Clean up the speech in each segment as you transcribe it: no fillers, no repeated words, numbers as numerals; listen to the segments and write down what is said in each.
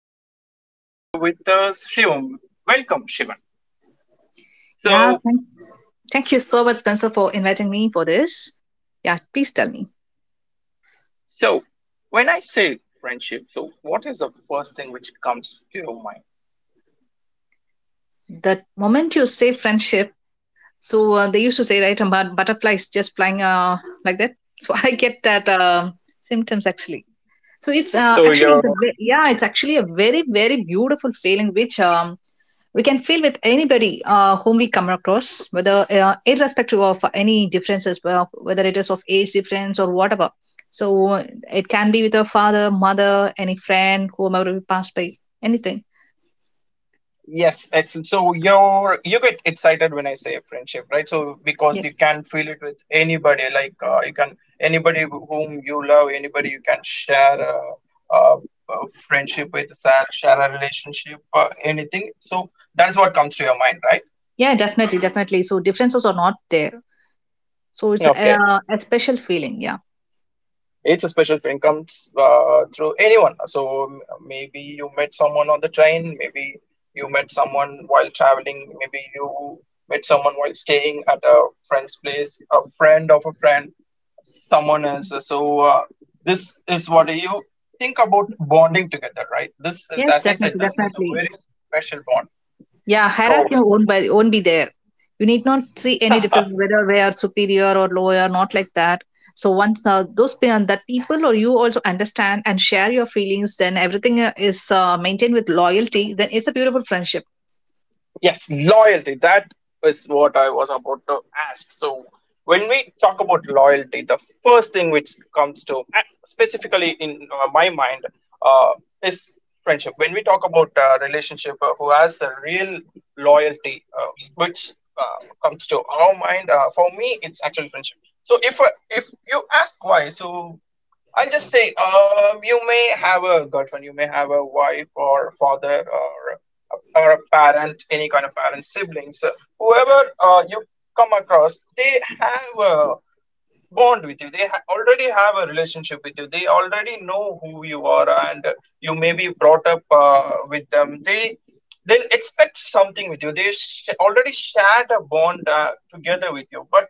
And we have here with us Shivam. Welcome, Shivan. Yeah, So, thank, thank you so much, Spencer, for inviting me for this. Yeah, please tell me. so when I say friendship, so what is the first thing which comes to your mind? The moment you say friendship, they used to say, right, about butterflies just flying like that. So I get that symptoms actually. So it's So, actually it's a your yeah, it's actually a very beautiful feeling which we can feel with anybody whom we come across, whether irrespective of any differences, well, whether it is of age difference or whatever. So it can be with a father, mother, any friend, whomever we pass by, anything. yes, excellent. So you get excited when I say a friendship, right? So Yeah, because you can feel it with anybody, like you can anybody whom you love, anybody you can share a friendship with, share a relationship, anything. So that's what comes to your mind, right? yeah, definitely. So differences are not there. So Okay, a special feeling. Yeah. it's a special thing comes through anyone. Maybe you met someone on the train, maybe you met someone while traveling, maybe you met someone while staying at a friend's place, a friend of a friend, someone else. So this is what you think about bonding together, right? This is, Yes, as I said, definitely, this is a definitely. very special bond. Yeah, hierarchy So won't be there. You need not see any uh, difference whether we are superior or lower, not like that. So once that people or you also understand and share your feelings, then everything is maintained with loyalty. Then it's a beautiful friendship. yes, loyalty. That is what I was about to ask. So, when we talk about loyalty, the first thing which comes to, specifically in my mind, uh, is friendship. When we talk about relationship, who has a real loyalty, which comes to our mind, for me, it's actually friendship. So, if you ask why, so I'll just say, you may have a girlfriend, you may have a wife or father or or a parent, any kind of parent, siblings. So whoever you come across, they have a bond with you. Already have a relationship with you. They already know who you are, and you may be brought up with them. They'll expect something with you. Already shared a bond together with you. But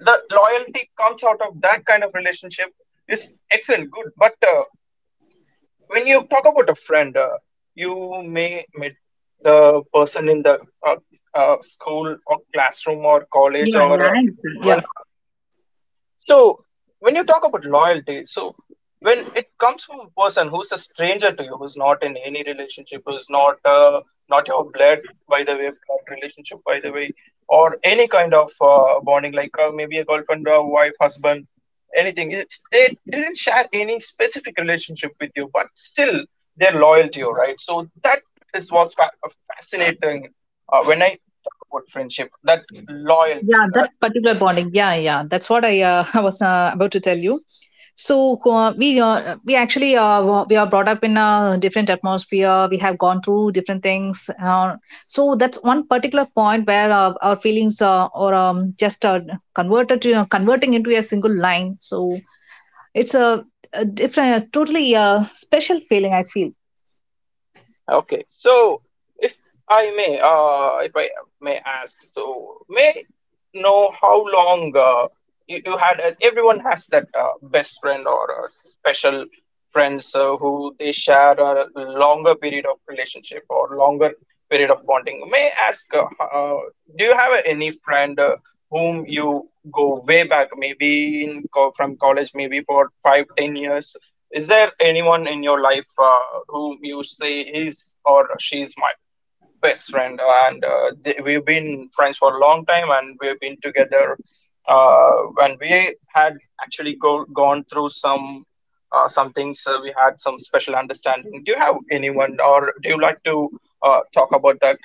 the loyalty comes out of that kind of relationship is excellent, good. But when you talk about a friend, you may meet the person in the uh, school or classroom or college Yeah, yeah, or I understand. Yeah. whenever. So, when you talk about loyalty, so when it comes from a person who's a stranger to you, who's not in any relationship, who's not not your blood, by the way, blood relationship, by the way, or any kind of bonding, like maybe a girlfriend, or wife, husband, anything. It's, they didn't share any specific relationship with you, but still they're loyal to you, right? So that is what's fascinating when I talk about friendship, that Yeah, loyalty, that as you particular said. bonding. Yeah, yeah. That's what I was about to tell you. So we actually we are brought up in a different atmosphere. We have gone through different things. So that's one particular point where our feelings or just converted to converting into a single line. So it's a, a different, totally special feeling, I feel. Okay, so if if I may ask, so may know how long uh, you had everyone has that best friend or special friends who they share a longer period of relationship or longer period of bonding. May I ask do you have any friend whom you go way back, maybe from college, maybe for 5 to 10 years? Is there anyone in your life whom you say he's or she's my best friend and we've been friends for a long time and we've been together uh, when we had gone through some things, we had some special understanding. Do you have anyone, or do you like to talk about that?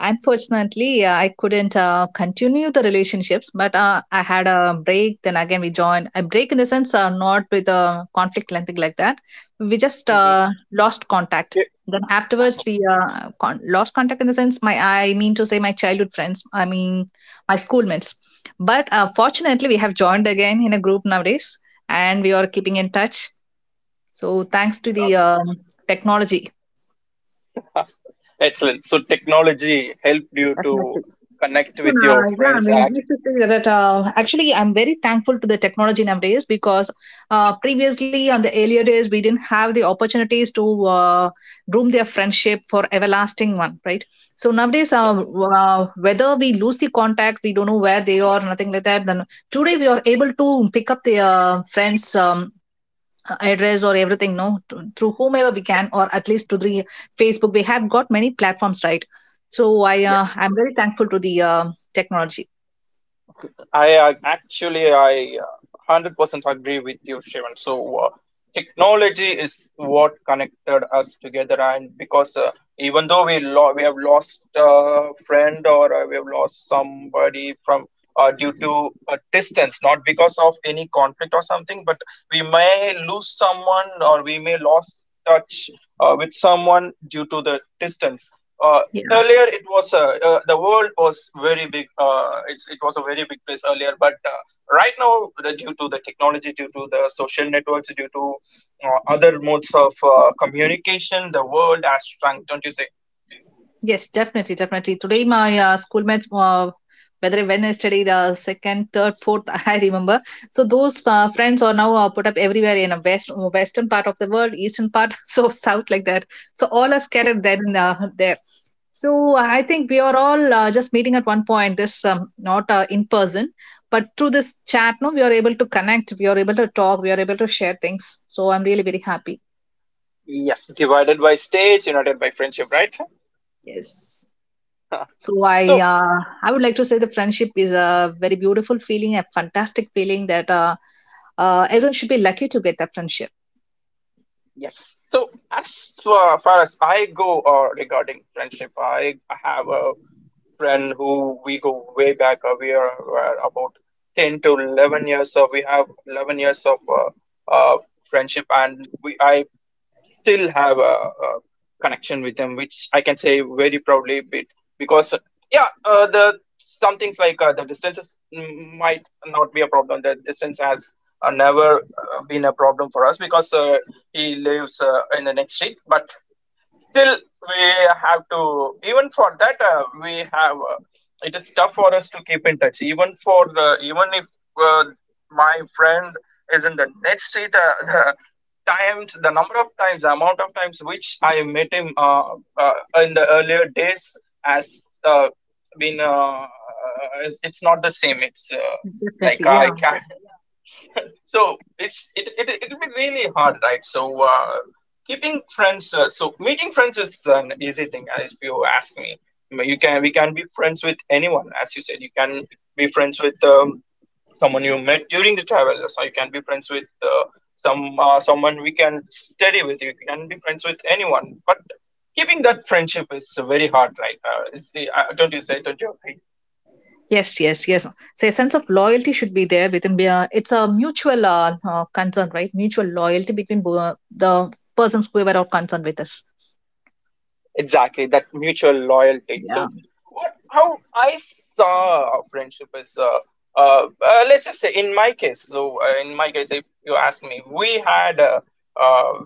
Unfortunately, I couldn't continue the relationships, but I had a break. Then again, we joined. A break in the sense, not with a conflict or anything like that. We just Hmm. lost contact. Then afterwards, Yes. Lost contact in the sense, my I mean to say, my childhood friends. I mean, my schoolmates. But fortunately, we have joined again in a group nowadays, and we are keeping in touch. So thanks to the technology, Okay. Excellent. So technology helped you definitely. to connect So with now, your yeah, I friends. mean, you Actually, should say that actually, I'm very thankful to the technology nowadays because previously, on the earlier days, we didn't have the opportunities to groom their friendship for everlasting one, right? So nowadays, yes, whether we lose the contact, we don't know where they are, nothing like that. Then today, we are able to pick up their friends. Address or everything no to, through whomever we can or at least to the facebook. We have got many platforms, right? So i uh, yes. i'm very thankful to the technology. I 100% agree with you, Shivan. So, technology is what connected us together and because even though we we have lost a friend or we have lost somebody from due to distance, not because of any conflict or something, but we may lose someone or we may lose touch with someone due to the distance. uh, Earlier it was the world was very big, it was a very big place earlier, but right now due to the technology, due to the social networks, due to other modes of communication, the world has shrunk, don't you say? Yes, definitely. Today, my schoolmates, whether when I studied second, third, fourth, I remember. So those friends are now put up everywhere in a western part of the world, eastern part, so south like that. So all are scattered, then there. So I think we are all just meeting at one point. This not in person, but through this chat, no, we are able to connect. We are able to talk. We are able to share things. So I'm really very happy. Yes, divided by states, united by friendship, right? Yes. So So, I would like to say the friendship is a very beautiful feeling, a fantastic feeling that everyone should be lucky to get that friendship. yes. So, as far as I go regarding friendship, I have a friend who we go way back. Uh, were about 10 to 11 years. So, we have 11 years of friendship. And I still have a connection with them, which I can say very proudly bit because yeah, the some things like the distances might not be a problem. The distance has never been a problem for us because he lives in the next street, but still we have to even for that we have it is tough for us to keep in touch even for the even if uh, my friend is in the next street, the times, the number of times, the amount of times which I met him in the earlier days has been it's not the same, it's like Definitely, yeah. I can so it it'll be really hard, right? So keeping friends, so meeting friends is an easy thing, if you ask me. I mean, you can we can be friends with anyone, as you said. You can be friends with someone you met during the travel. So you can be friends with someone we can study with. You can be friends with anyone, but keeping that friendship is very hard, right? Don't you say? Don't you agree? Yes, yes, yes. So a sense of loyalty should be there within. It's a mutual concern, right? Mutual loyalty between the persons whoever are concerned with us. Exactly, that mutual loyalty. Yeah. So, what, how I saw friendship is, let's just say in my case. So, in my case, if you ask me, we had uh,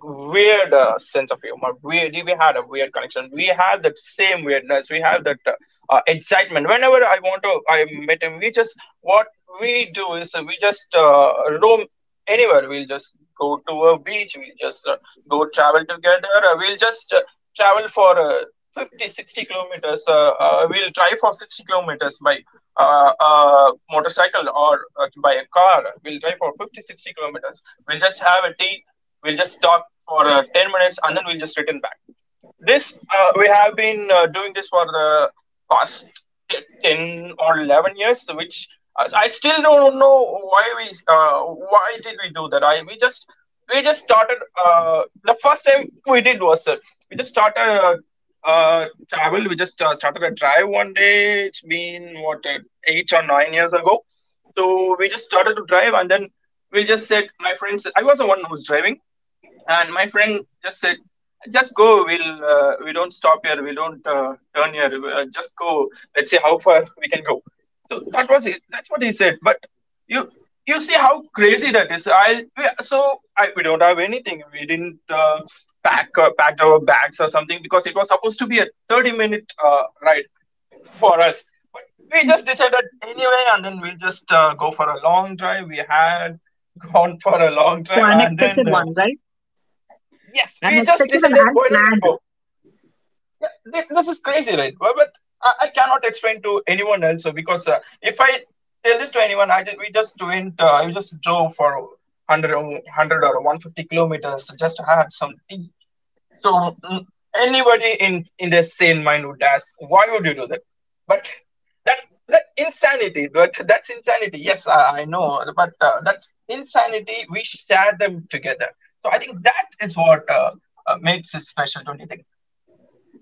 weird sense of humor. Really, we had a weird connection. We had that same weirdness. We have that excitement. Whenever I want to, I met him. We just what we do is we just roam anywhere. We'll just go to a beach. We'll just go travel together. We'll just travel for 50, 60 kilometers. We'll drive for 60 kilometers by. Motorcycle or by a car, we'll drive for 50, 60 kilometers. We'll just have a tea. We'll just talk for 10 minutes and then we'll just return back. This We have been doing this for the past 10 or 11 years, which I still don't know why we why did we do that. I we just We just started. The first time we did was we just started travel. We just started a drive one day. It's been what 8 or 9 years ago. So we just started to drive, and then we just said, my friends. I was the one who was driving and my friend just said, "Just go. We don't stop here. We don't turn here. Just go. Let's see how far we can go." So that was it. That's what he said. But you you see how crazy that is. I we- so I We don't have anything. We didn't packed our bags or something because it was supposed to be a 30 minute ride for us. But we just decided anyway, and then we'll just go for a long drive. We had gone for a long So drive, and unexpected then one, right? yes, we just Unexpected and decided why don't we unplanned. go? Yeah, this is crazy, right? But I cannot explain to anyone else because if I tell this to anyone, we just went, I just drove for 100, or 100 or 150 kilometers, just had some tea. So anybody in their sane mind would ask, why would you do that? But that that insanity, but that's insanity. Yes, I know, but that insanity we share them together. So I think that is what makes it special, don't you think?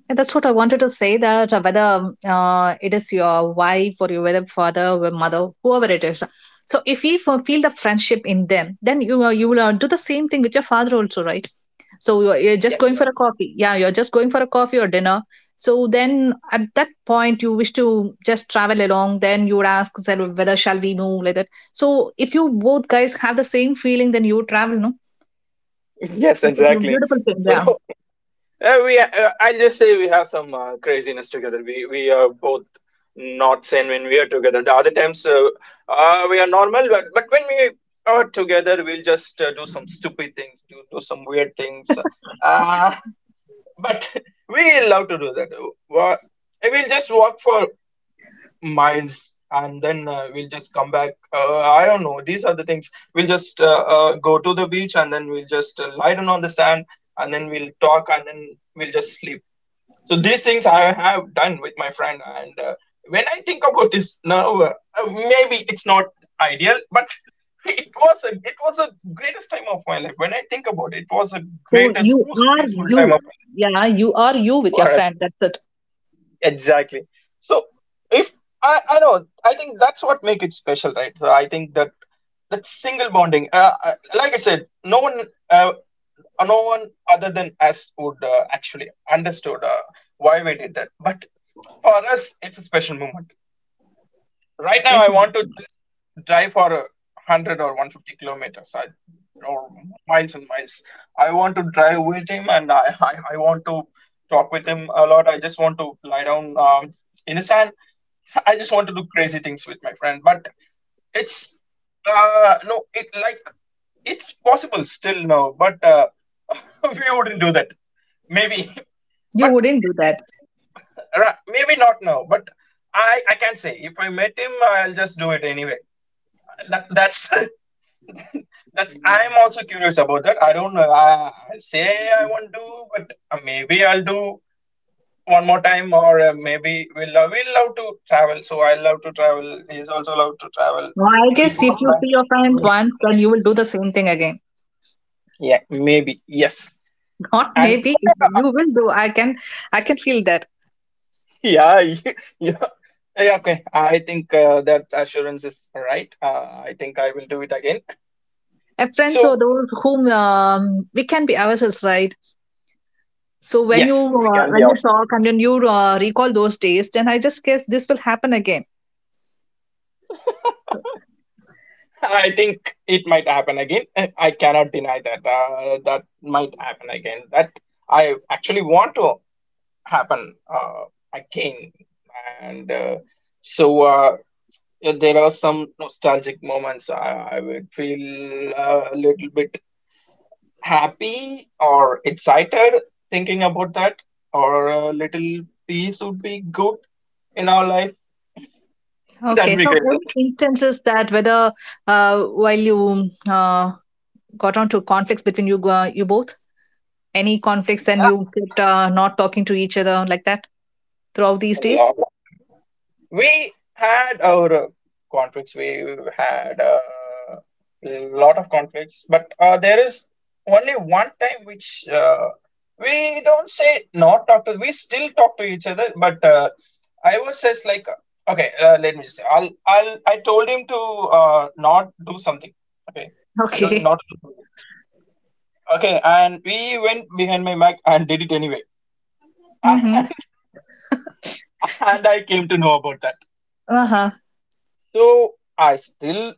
Yeah, that's what I wanted to say, that whether it is your wife or your whether father or mother, whoever it is. So if we feel the friendship in them, then you will do the same thing with your father also, right? So you're just going for Yes. a coffee. Yeah, you're just going for a coffee or dinner. So then at that point you wish to just travel along. Then you would ask said, whether shall we move like that. So if you both guys have the same feeling, then you would travel, no? Yes, That's a exactly. beautiful thing. So Yeah. I'll just say we have some craziness together. We are both not sane when we are together. The other times we are normal, but when we are together, we'll just do some stupid things, do some weird things. Uh, but we love to do that. What? We'll just walk for miles and then we'll just come back. I don't know. These are the things. We'll just go to the beach and then we'll just lie down on the sand and then we'll talk and then we'll just sleep. So these things I have done with my friend. And when I think about this now, maybe it's not ideal, but it was the greatest time of my life. When I think about it, it was the So you greatest, most are peaceful time you. of my life Yeah, you are you with your for us. friend. That's it. Exactly. So if I know, I think that's what make it special, right? So I think that that single bonding, like I said, no one, uh, no one other than us would actually understood why we did that. But for us, it's a special moment. Right now, Yes. I want to Madam. just drive for 100 or 150 kilometers, or miles and miles. I want to drive with him, and I want to talk with him a lot. I just want to lie down in the sand. I just want to do crazy things with my friend. But it's no, it like it's possible still now, but we wouldn't do that. Maybe, You but wouldn't do these that. things, maybe not now, but I can't say. If I met him, I'll just do it anyway. That's that's. I'm also curious about that. I don't know. I'll say I won't do, but maybe I'll do one more time, or maybe we'll love to travel. So I love to travel. He's also love to travel. Well, I We guess if both you like see your friend similar kind once, of then you movies. will do the same thing again. Yeah, maybe yes. Not And maybe, there if are you will do. I can feel that. Yeah, you, you, yeah, okay. I think that assurance is right. I think I will do it again. And friends or So, those whom we can be ourselves, right? So yes, we can be when you awesome. talk and then you recall those days, then I just guess this will happen again. I think it might happen again. I cannot deny that. That might happen again. That I actually want to happen again. And so there are some nostalgic moments. I would feel a little bit happy or excited thinking about that, or a little peace would be good in our life. Okay. That'd be So great, any right? instances, that whether while you got on to conflicts between you both. Any conflicts, then Yeah, you get not talking to each other like that throughout these a days? lot of time. We had our conflicts. We had a lot of conflicts, but there is only one time which we don't say not talk to, we still talk to each other, but I was just like, okay, let me just say, I'll I told him to not do something, okay. I told him Okay. not to do something, okay, and we went behind my back and did it anyway. Mm-hmm. and and I came to know about that. Uh-huh. So I still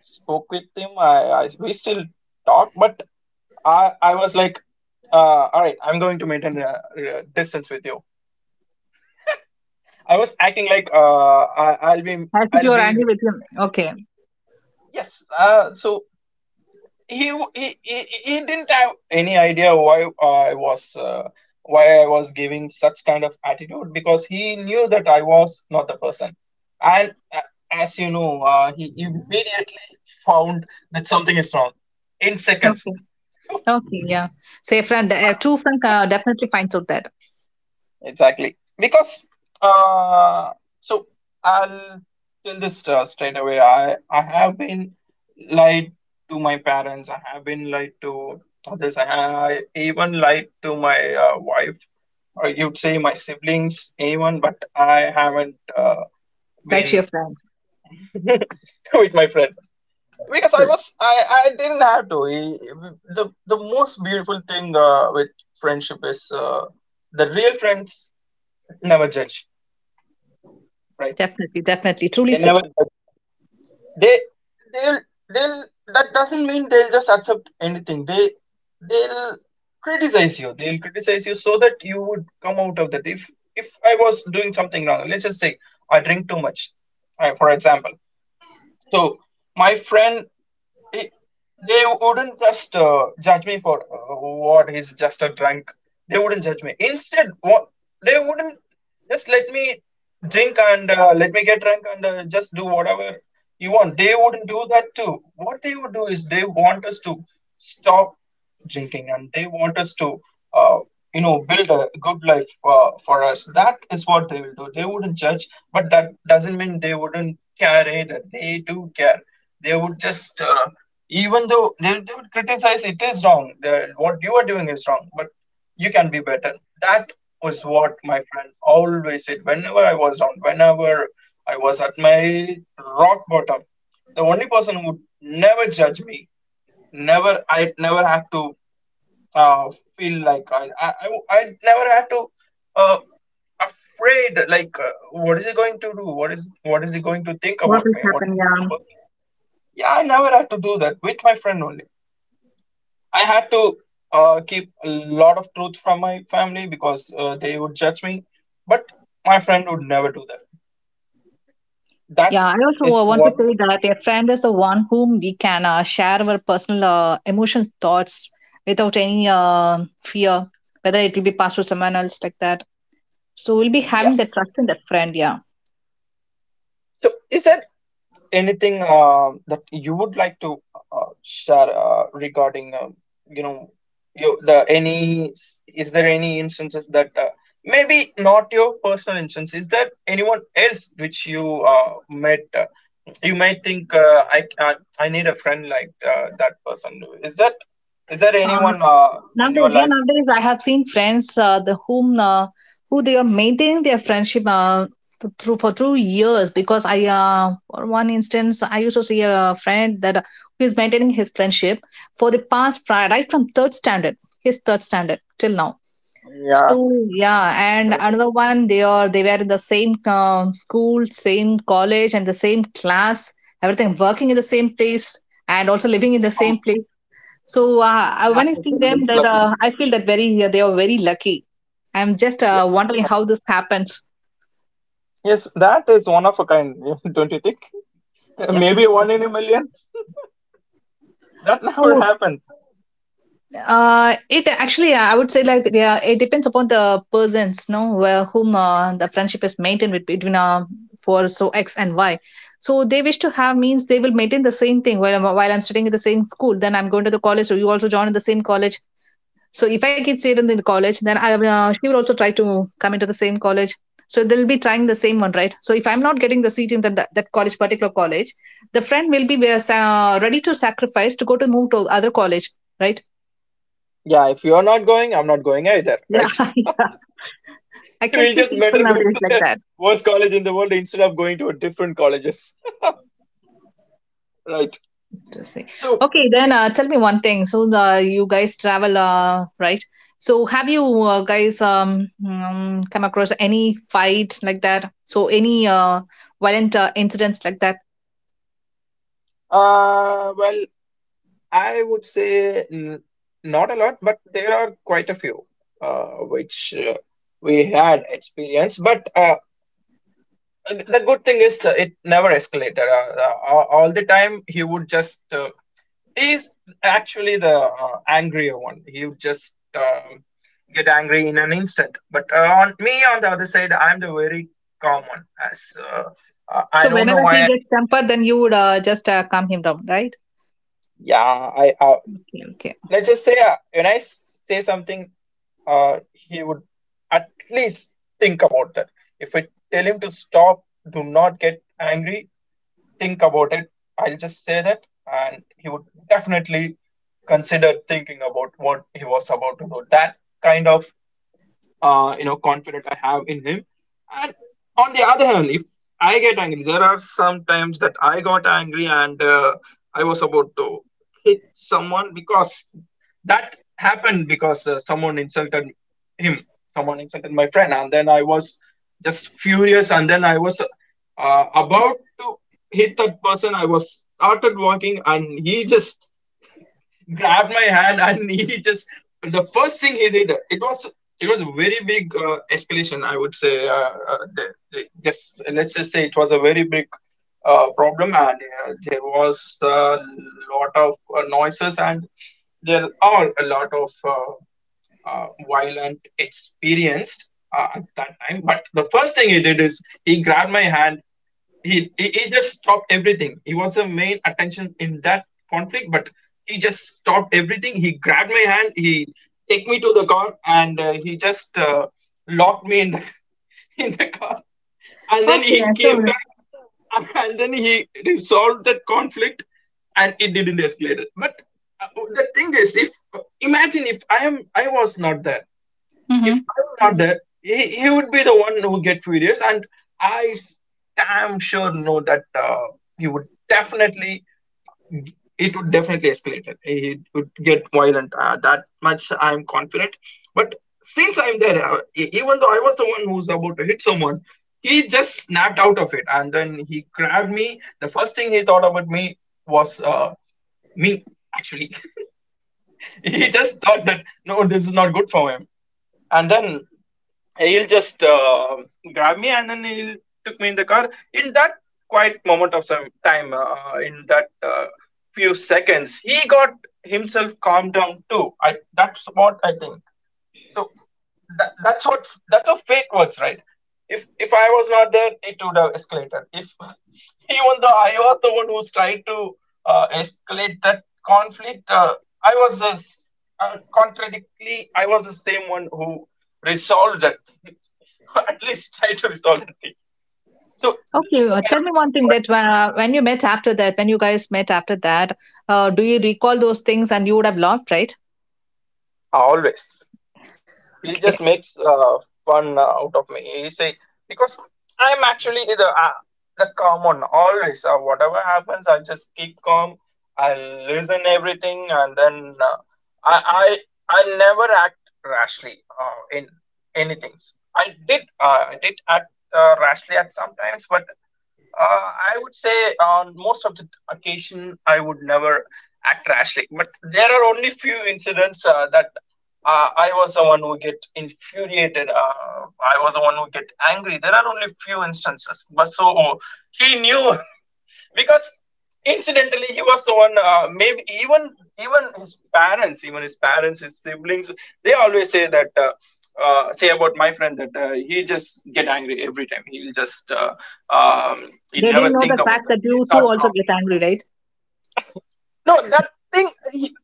spoke with him. I we still talk, but I was like, all right, I'm going to maintain a, distance with you. I was acting like I'll be, As if I'll you're be angry with maintaining him. a distance Okay. with you. Yes. So he he didn't have any idea why I was giving such kind of attitude, because he knew that I was not the person, and as you know, he immediately found that something is wrong in seconds. Okay. Okay. Yeah. So a friend, a But true friend still. Definitely finds out that. Exactly. Because uh so I'll tell this straight away. I have been lied to my parents. I have been lied to others. I even lied to my wife, or you'd say my siblings, anyone, but I haven't Like been your friend. with my friend, because I Good. was I I didn't have to. The most beautiful thing with friendship is the real friends never judge, right? Definitely. Definitely. Truly They said. never judge you. They they'll they'll That doesn't mean they'll just accept anything. They'll criticize you. They'll criticize you so that you would come out of that. If I was doing something wrong, let's just say I drink too much, for example. So my friend, they they wouldn't just judge me for what, he's just a drunk. They wouldn't judge me. Instead, what they wouldn't, just let me drink and let me get drunk and just do whatever you want. They wouldn't do that too. What they would do is they want us to stop drinking, and they want us to uh, you know, build a good life for us. That is what they will do. They wouldn't judge, but that doesn't mean they wouldn't care either. They do care. They would just even though they would criticize, it is wrong, what you are doing is wrong, but you can be better. That was what my friend always said whenever I was down, whenever I was at my rock bottom. The only person who would never judge me, never. I never had to uh, feel like I never had to uh, afraid like what is he going to do, what is he going to think What about will me, what happen? is this Yeah. person. Yeah, I never had to do that. With my friend only, I had to keep a lot of truth from my family because they would judge me. But my friend would never do that. That Yeah, I also is want to what say the beauty that of a friend friendship. is the one whom we can share our personal emotional thoughts without any fear, whether it will be passed to someone else like that. So we'll be having the Yes. trust in that friend, yeah. So, is there anything that you would like to share regarding, you know, your the any s- is there any instances that maybe not your personal instance? Is there anyone else which you met? You might think I need a friend like that person. Is there Um, anyone in your nowadays, yeah, life? nowadays I have seen friends the whom who they are maintaining their friendship through years. Because I, for one instance, I used to see a friend that who is maintaining his friendship for the past right from third standard, his third standard till now. Yeah, So yeah, and that is another it. one, they are they were in the same school, same college, and the same class. Everything, working in the same place and also living in the same Oh, place. So when that I is see the them, most that I luckiest. feel that very they are very lucky. I'm just Yes, wondering how exactly. this happens. Yes, that is one of a kind, don't you think? Maybe one Definitely. in a million. That never happened. It actually, I would say, like, yeah, it depends upon the persons, no, where whom the friendship is maintained with, between for so X and Y. So they wish to have means they will maintain the same thing. While while I'm studying in the same school, then I'm going to the college, so you also join in the same college. So if I get seated in the college, then I she will also try to come into the same college. So they'll be trying the same one, right? So if I'm not getting the seat in that college, particular college, the friend will be ready to sacrifice to go to move to other college, right? Yeah, if you're not going, I'm not going either, Yeah, right? yeah. I can We'll see just people better go to nowadays like the that. worst college in the world instead of going to a different colleges, right? Interesting. So, Okay, then tell me one thing. So you guys travel, right? So have you guys come across any fight like that? So any violent incidents like that? Well. I would say, n not a lot, but there are quite a few which we had experience. But the good thing is it never escalated. All the time he would just he's actually the angrier one. He would just get angry in an instant. But on me, on the other side, I'm the very calm one. As So I don't know whenever why. he gets tempered, then you would just calm him down, right? Yeah, I Okay. Okay. let's just say when say something, he would at least think about that. If I tell him to stop, do not get angry, think about it, I'll just say that, and he would definitely consider thinking about what he was about to do. That kind of you know, confident I have in him. And on the other hand, if I get angry, there are some times that I got angry, and I was about to hit someone, because that happened because someone insulted him, someone insulted my friend, and then I was just furious, and then I was about to hit that person. I was started walking, and he just grabbed my hand, and he just, the first thing he did, it was, it was a very big escalation, I would say. Just let's just say it was a very big problem, and there was a lot of noises, and there are a lot of violent experienced at that time. But the first thing he did is he grabbed my hand. He just stopped everything. He was the main attention in that conflict, but he just stopped everything. He grabbed my hand. He take me to the car, and he just locked me in the in the car. And then Okay. he came So back. And then he resolved that conflict, and it didn't escalate. But uh, the thing is, if imagine, if I was not there, if mm-hmm. I was not there, he would be the one who get furious, and I am sure know that he would definitely, it would definitely escalate it. It would get violent. That much I'm confident. But since I'm there, even though I was someone who's about to hit someone, he just snapped out of it, and then he grabbed me. The first thing he thought about me was me, actually. He just thought that, no, this is not good for him. And then he'll just grab me, and then he'll took me in the car. In that quiet moment of some time, in that few seconds, he got himself calmed down too, I, that's what I think. So that's what, that's how fate works, right? If I was not there, it would have escalated. If, even though I was the one who's trying to escalate that conflict, I was a s contradictly, I was the same one who resolved that thing. At least try to resolve that thing. So this Okay, is a kind tell me of one thing, that loyalty. When you met after that, when you guys met after that, do you recall those things and you would have laughed, right? Always. He Okay. just makes fun out of me. He say because I'm actually the calm one always. Whatever happens, I'll just keep calm. I'll listen everything, and then I I'll never act rashly in anything. I did act rashly at sometimes, but I would say on most of the occasion, I would never act rashly. But there are only few incidents that I was the one who get infuriated. I was the one who get angry. There are only few instances. But so he knew because incidentally he was the one maybe even even his parents, his siblings, they always say that, say about my friend that, he just get angry every time. He'll just um, he They never didn't know think the about fact that, that you he's too not also calm. get angry, right? No, that thing,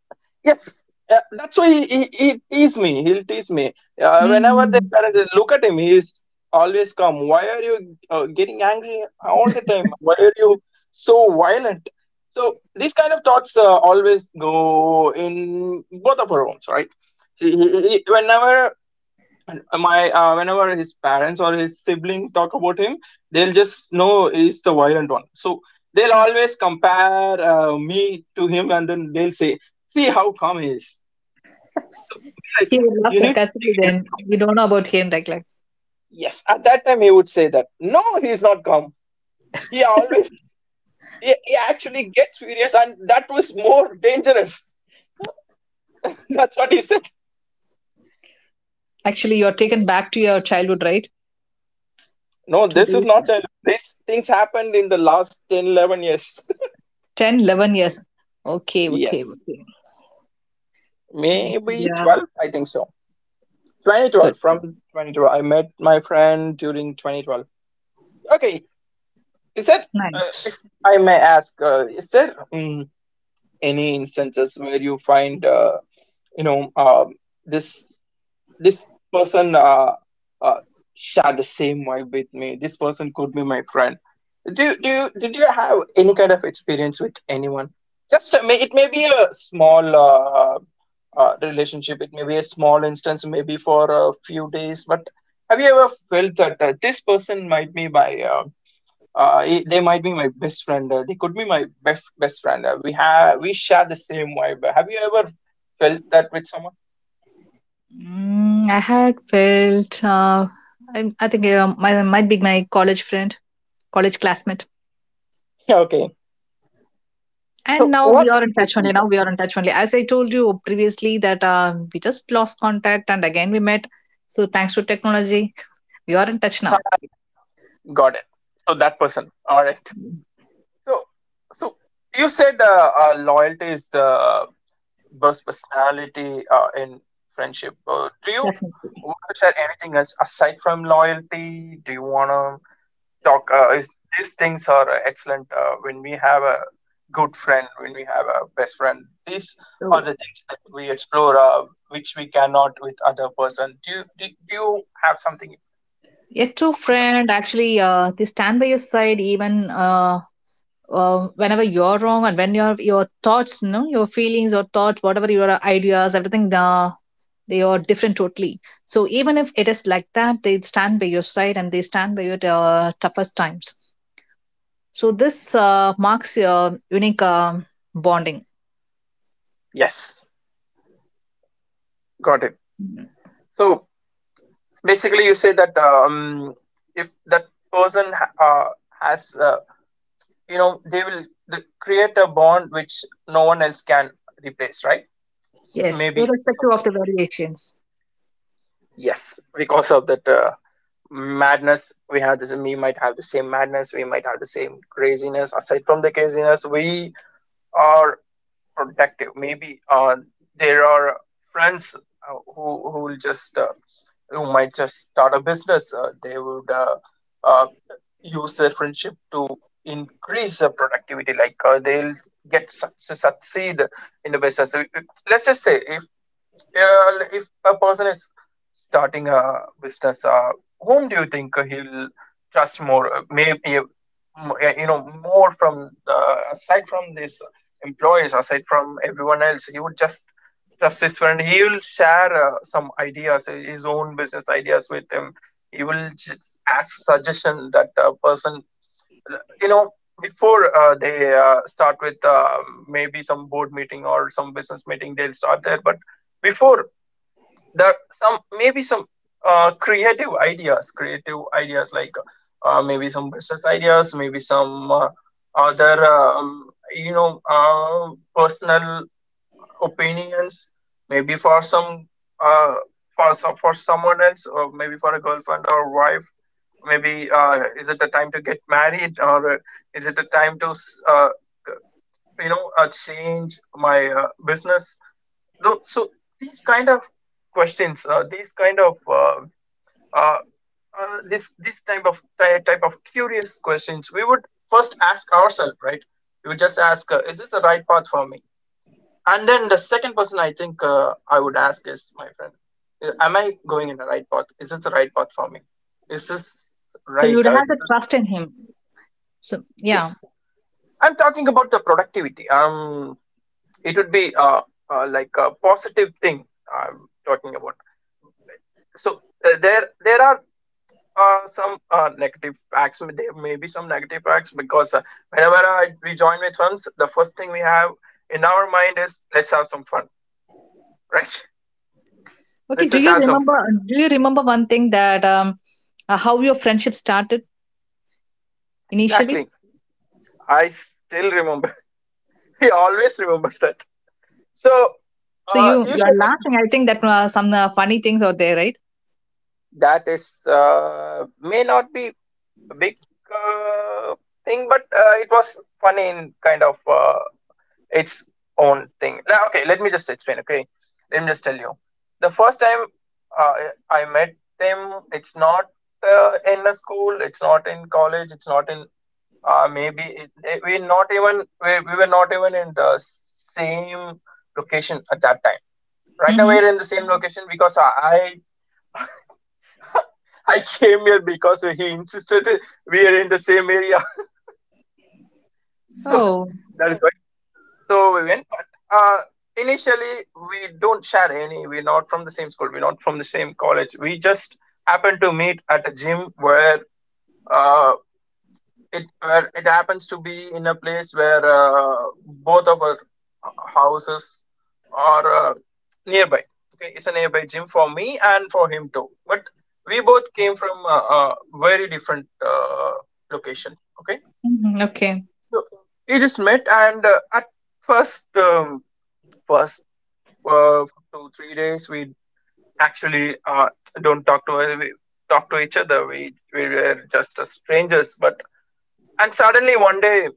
yes, that's why he tease me. He'll tease me. Whenever their Mm. parents say, "Look at him, he's always calm. Why are you getting angry all the time? Why are you so violent?" So these kind of thoughts always go in both of our homes, right? Whenever, and my whenever his parents or his sibling talk about him, they'll just know he's the violent one, so they'll always compare me to him, and then they'll say, "See how calm he is, so be like He him. would laugh You need to think, sarcastically you need to then. calm." You don't know about him, like Yes, at that time he would say that no, he's not calm. He always, he actually gets furious, and that was more dangerous. That's what he said. actually you're taken back to your childhood, right? No, this Today, is not childhood. These things happened in the last 10, 11 years. 10, 11 years. Okay, okay, Yes. okay. Nice. Maybe Yeah, 12, I think so. good. 2012, from 2012. I met my friend during 2012. Okay, is that, if Nice. I may ask, is there any instances where you find, you know, um, this this person uh, share the same vibe with me? This person could be my friend. Do do you did you have any kind of experience with anyone? Just may it may be a small relationship. It may be a small instance, maybe for a few days. But have you ever felt that this person might be my, they might be my best friend. They could be my best best friend. We have we share the same vibe. Have you ever felt that with someone? Mm, I had felt, I think might be my college friend, college classmate. Yeah, okay. And So now we what are in makes you touch only. think that? Now we are in touch only. As I told you previously that we just lost contact and again we met. So thanks to technology, we are in touch now. I got it. So that person. All right. So so you said loyalty is the burst personality in friendship. Do you Definitely. want to share anything else aside from loyalty? Do you want to talk? Is, these things are excellent when we have a good friend, when we have a best friend. These are So the things that we explore, which we cannot with other person. Do you have something yet to over that? friend, actually, they stand by your side even whenever you're wrong, and when your thoughts, you know, your feelings, your thoughts, whatever your ideas, everything, they are different totally. So even if it is like that, they stand by your side and they stand by your toughest times. So this marks your unique bonding. Yes, got it. So basically, you say that if that person has, they will create a bond which no one else can replace, right? S- Yes, maybe I irrespective of the variations. Yes, because of that madness, we have this, we might have the same madness, we might have the same craziness. Aside from the craziness, we are protective. Maybe there are friends who will just who might just start a business. They would uh, use their friendship to increase their productivity. Like they'll succeed in the business. So, it- let's just say if, yeah, like, if a person is starting a business, whom do you think he'll trust more? Maybe, you know, more from the aside from these employees, aside from everyone else, he would just trust his friend. He will share some ideas, his own business ideas with him. He will just ask suggestion that person, you know, before they start with, maybe some board meeting or some business meeting, they'll start there. But before, there some, maybe some creative ideas, creative ideas, like maybe some business ideas, maybe some other you know, personal opinions, maybe for some uh, for some, for someone else, or maybe for a girlfriend or wife. Maybe is it the time to get married, or is it the time to c- you know, change my business. No, so these kind of questions, these kind of uh, this type of type of curious questions, we would first ask ourselves, right? We would just ask, is this the right path for me? And then the second person I think I would ask is my friend. Uh, am I going in the right path? Is this the right path for me? Is this So right? you'd have the Is this trust in him. So yeah. yes? I'm talking about the productivity. It would be like a positive thing. I'm talking about. So there are some negative facts. There may be some negative facts because whenever we join with friends, the first thing we have in our mind is, let's have some fun, right? Okay. Let's Do just you have some remember? fun. Do you remember one thing, that how your friendship started initially? Exactly, I still remember. He always remembers that. So, So you are usually laughing. I think that some funny things out there, right? that is may not be a big uh, thing, but it was funny in kind of its own thing. Now, okay, let me just explain. Okay, let me just tell you. The first time uh, I met them, it's not in a school, it's not in college, it's not in, maybe it, we not even we were not even in the same location at that time. Right now Mm-hmm. we're in the same location because I came here because he insisted we are in the same area. So Oh. that is why. So Vivian, but initially we don't share any. We're not from the same school. We're not from the same college. We just happen to meet at a gym where, uh, it where it happens to be in a place where both of our houses are nearby. Okay, it's a nearby gym for me and for him too. But we both came from very different locations. Okay, Hmm. Okay. so it is met, and at first, first for 2 3 days we actually don't talk to we talk to each other. We were just strangers. But and suddenly one day,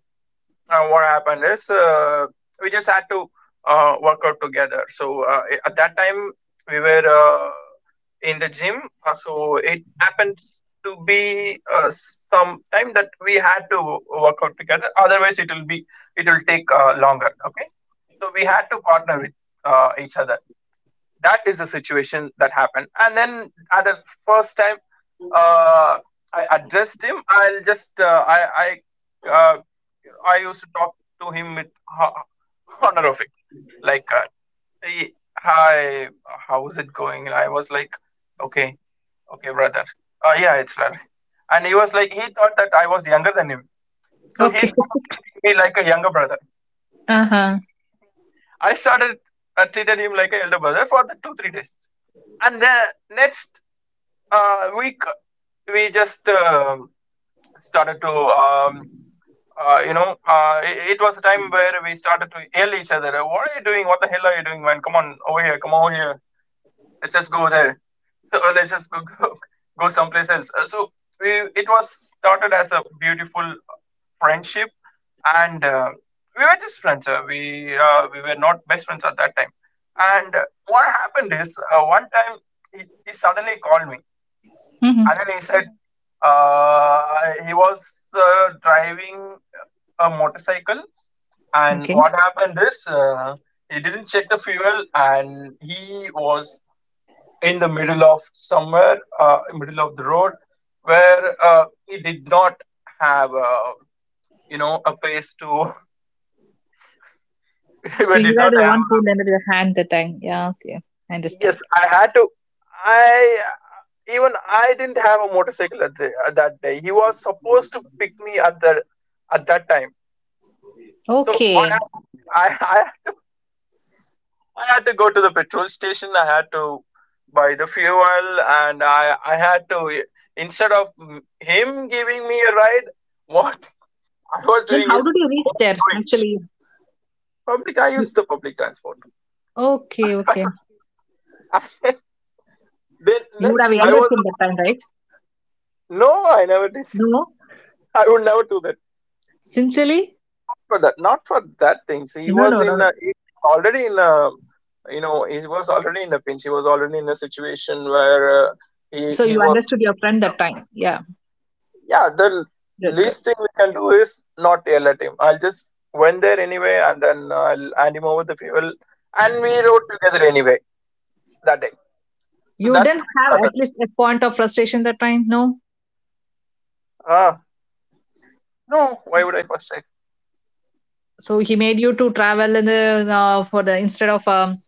what happened is, we just had to work out together. So at that time we were in the gym. So it happens to be some time that we had to work out together, otherwise it will be, it will take longer. Okay, so we had to partner with each other. That is the situation that happened. And then at the first time, uh, I addressed him, I'll just I used to talk to him with honorifics like, "Hey, hi, how is it going?" And I was like, "Okay, okay, brother, yeah, it's right." And he was like, he thought that I was younger than him, so he Okay. started treating me like a younger brother. Uh huh. Okay, I started treated him like an elder brother for the 2 3 days. And the next, uh, we c- we just started to, you know, it was a time where we started to yell each other, what are you doing? What the hell are you doing, man? Come on over here, come over here, let's just go there." So let's just go, go, go someplace else. So we, it was started as a beautiful friendship. And we were just friends. We were not best friends at that time. And what happened is, one time he, he suddenly called me. Mm-hmm. And then he said he was driving a motorcycle, and Okay. what happened is, he didn't check the fuel, and he was in the middle of somewhere, middle of the road, where he did not have a, you know, a place to. He So you did are not the have one who a. lended your hand that time. Yeah. Okay. I understand. Yes, I had to. I, even I didn't have a motorcycle at the, at that day. He was supposed to pick me at the at that time. So what Okay. happened is I had to go to the petrol station. I had to buy the fuel, and I had to, instead of him giving me a ride, what I was Then doing how is did you I reach was there? going Actually, public. I used the public transport. okay, That okay. was, and then You would next have I yelled at was him the one. that time, right? No, I never did. No, I would never do that. sincerely? Not for that. Not for that thing. See, he No, was no, no, in. no. A, he's already in. A, you know, he was already in a pinch. He was already in a situation where he So he you was understood your friend stressed out. that time. Yeah, Yeah, the good, good. least thing we can do is not yell at him. I'll just went there anyway, and then I'll hand him over the fuel, and we rode together anyway that day. So You that's didn't how it have at started. least a point of frustration that time? No. Ah, no, why would I frustrate? So he made you to travel in the for the instead of um,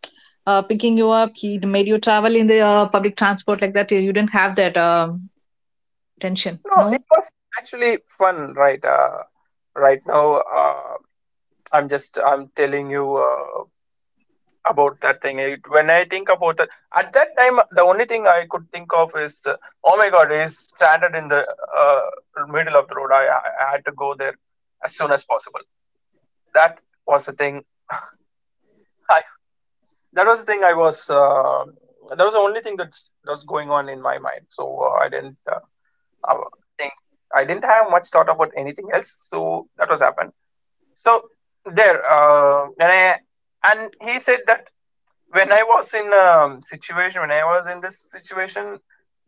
uh, picking you up, he made you travel in the public transport like that. You didn't have that tension. No, No. it was actually fun, right? Right now. I'm telling you about that thing. It, when I think about it, at that time, the only thing I could think of is, oh my God, he's stranded in the middle of the road. I had to go there as soon as possible. That was the thing. I that was the thing I was. That was the only thing that was going on in my mind. So I didn't uh, think. I didn't have much thought about anything else. So that was happened. So there. And I and he said that. When I was in situation, when I was in this situation,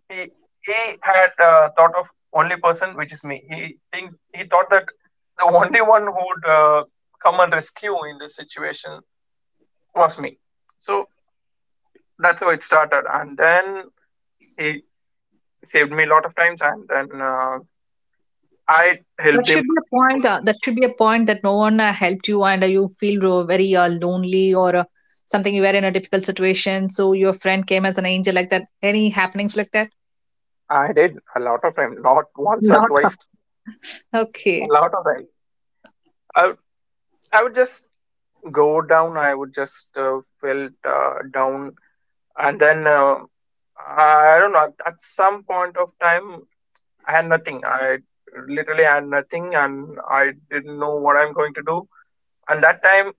he he had thought of only person which is me. He thought that the only one who would come and rescue in this situation was me. So that's how it started, and then he saved me a lot of times, and then I That helped should him be a a lot of point. That times. should be a point that no one helped you, and you feel very lonely or something. You were in a difficult situation, so your friend came as an angel, like that. Any happenings like that? I did a lot of times, not once or Not. twice, a Okay, lot of times. I would- I would just go down. I would just felt down and then I don't know. At some point of time, I had nothing. I literally had nothing, and I didn't know what I'm going to do. And that time,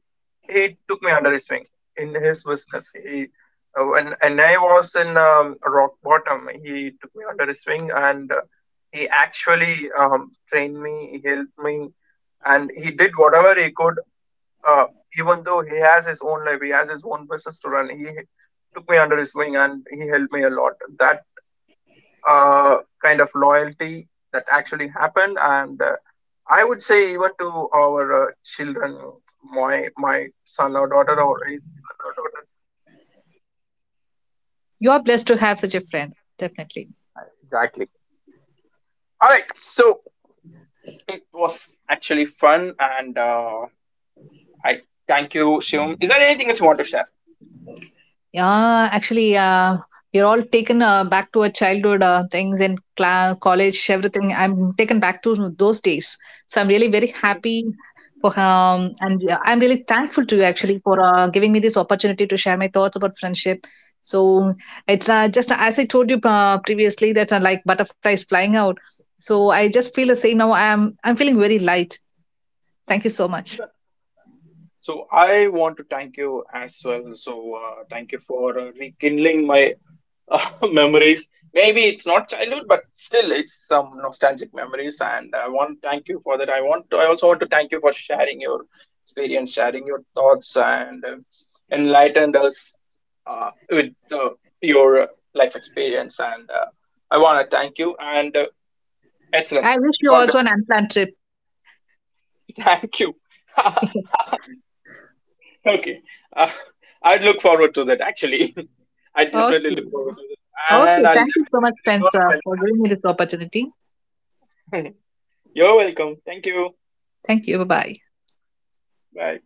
he took me under his wing in his business. He when and I was in rock bottom, he took me under his wing, and he actually trained me, he helped me, and he did whatever he could uh, even though he has his own life, he has his own business to run. He took me under his wing and he helped me a lot. That kind of loyalty that actually happened, and I would say even to our children, my son or daughter or his son or daughter. you are blessed to have such a friend, definitely. Exactly. All right. So it was actually fun, and I thank you, Shivam. Is there anything else you want to share? Yeah, actually, you're all taken back to our childhood things in cla college, everything. I'm taken back to those days. So I'm really very happy for and yeah, I'm really thankful to you actually for giving me this opportunity to share my thoughts about friendship. So it's just as I told you previously, that like butterflies flying out. So I just feel the same now. I'm feeling very light. Thank you so much. So I want to thank you as well. So thank you for rekindling my memories. Maybe it's not childhood, but still, it's some nostalgic memories. And I want to thank you for that. I also want to thank you for sharing your experience, sharing your thoughts, and enlightened us with your life experience. And I want to thank you. And Excellent. I wish you God also bless an you. unplanned trip. Thank you. Okay. Uh, I'd look forward to that actually. I definitely Okay. look forward to that. Okay, And I'll thank you so definitely much, let you know Spencer, when that for giving happens. me this opportunity. You're welcome. Thank you. Thank you. Bye bye. Bye.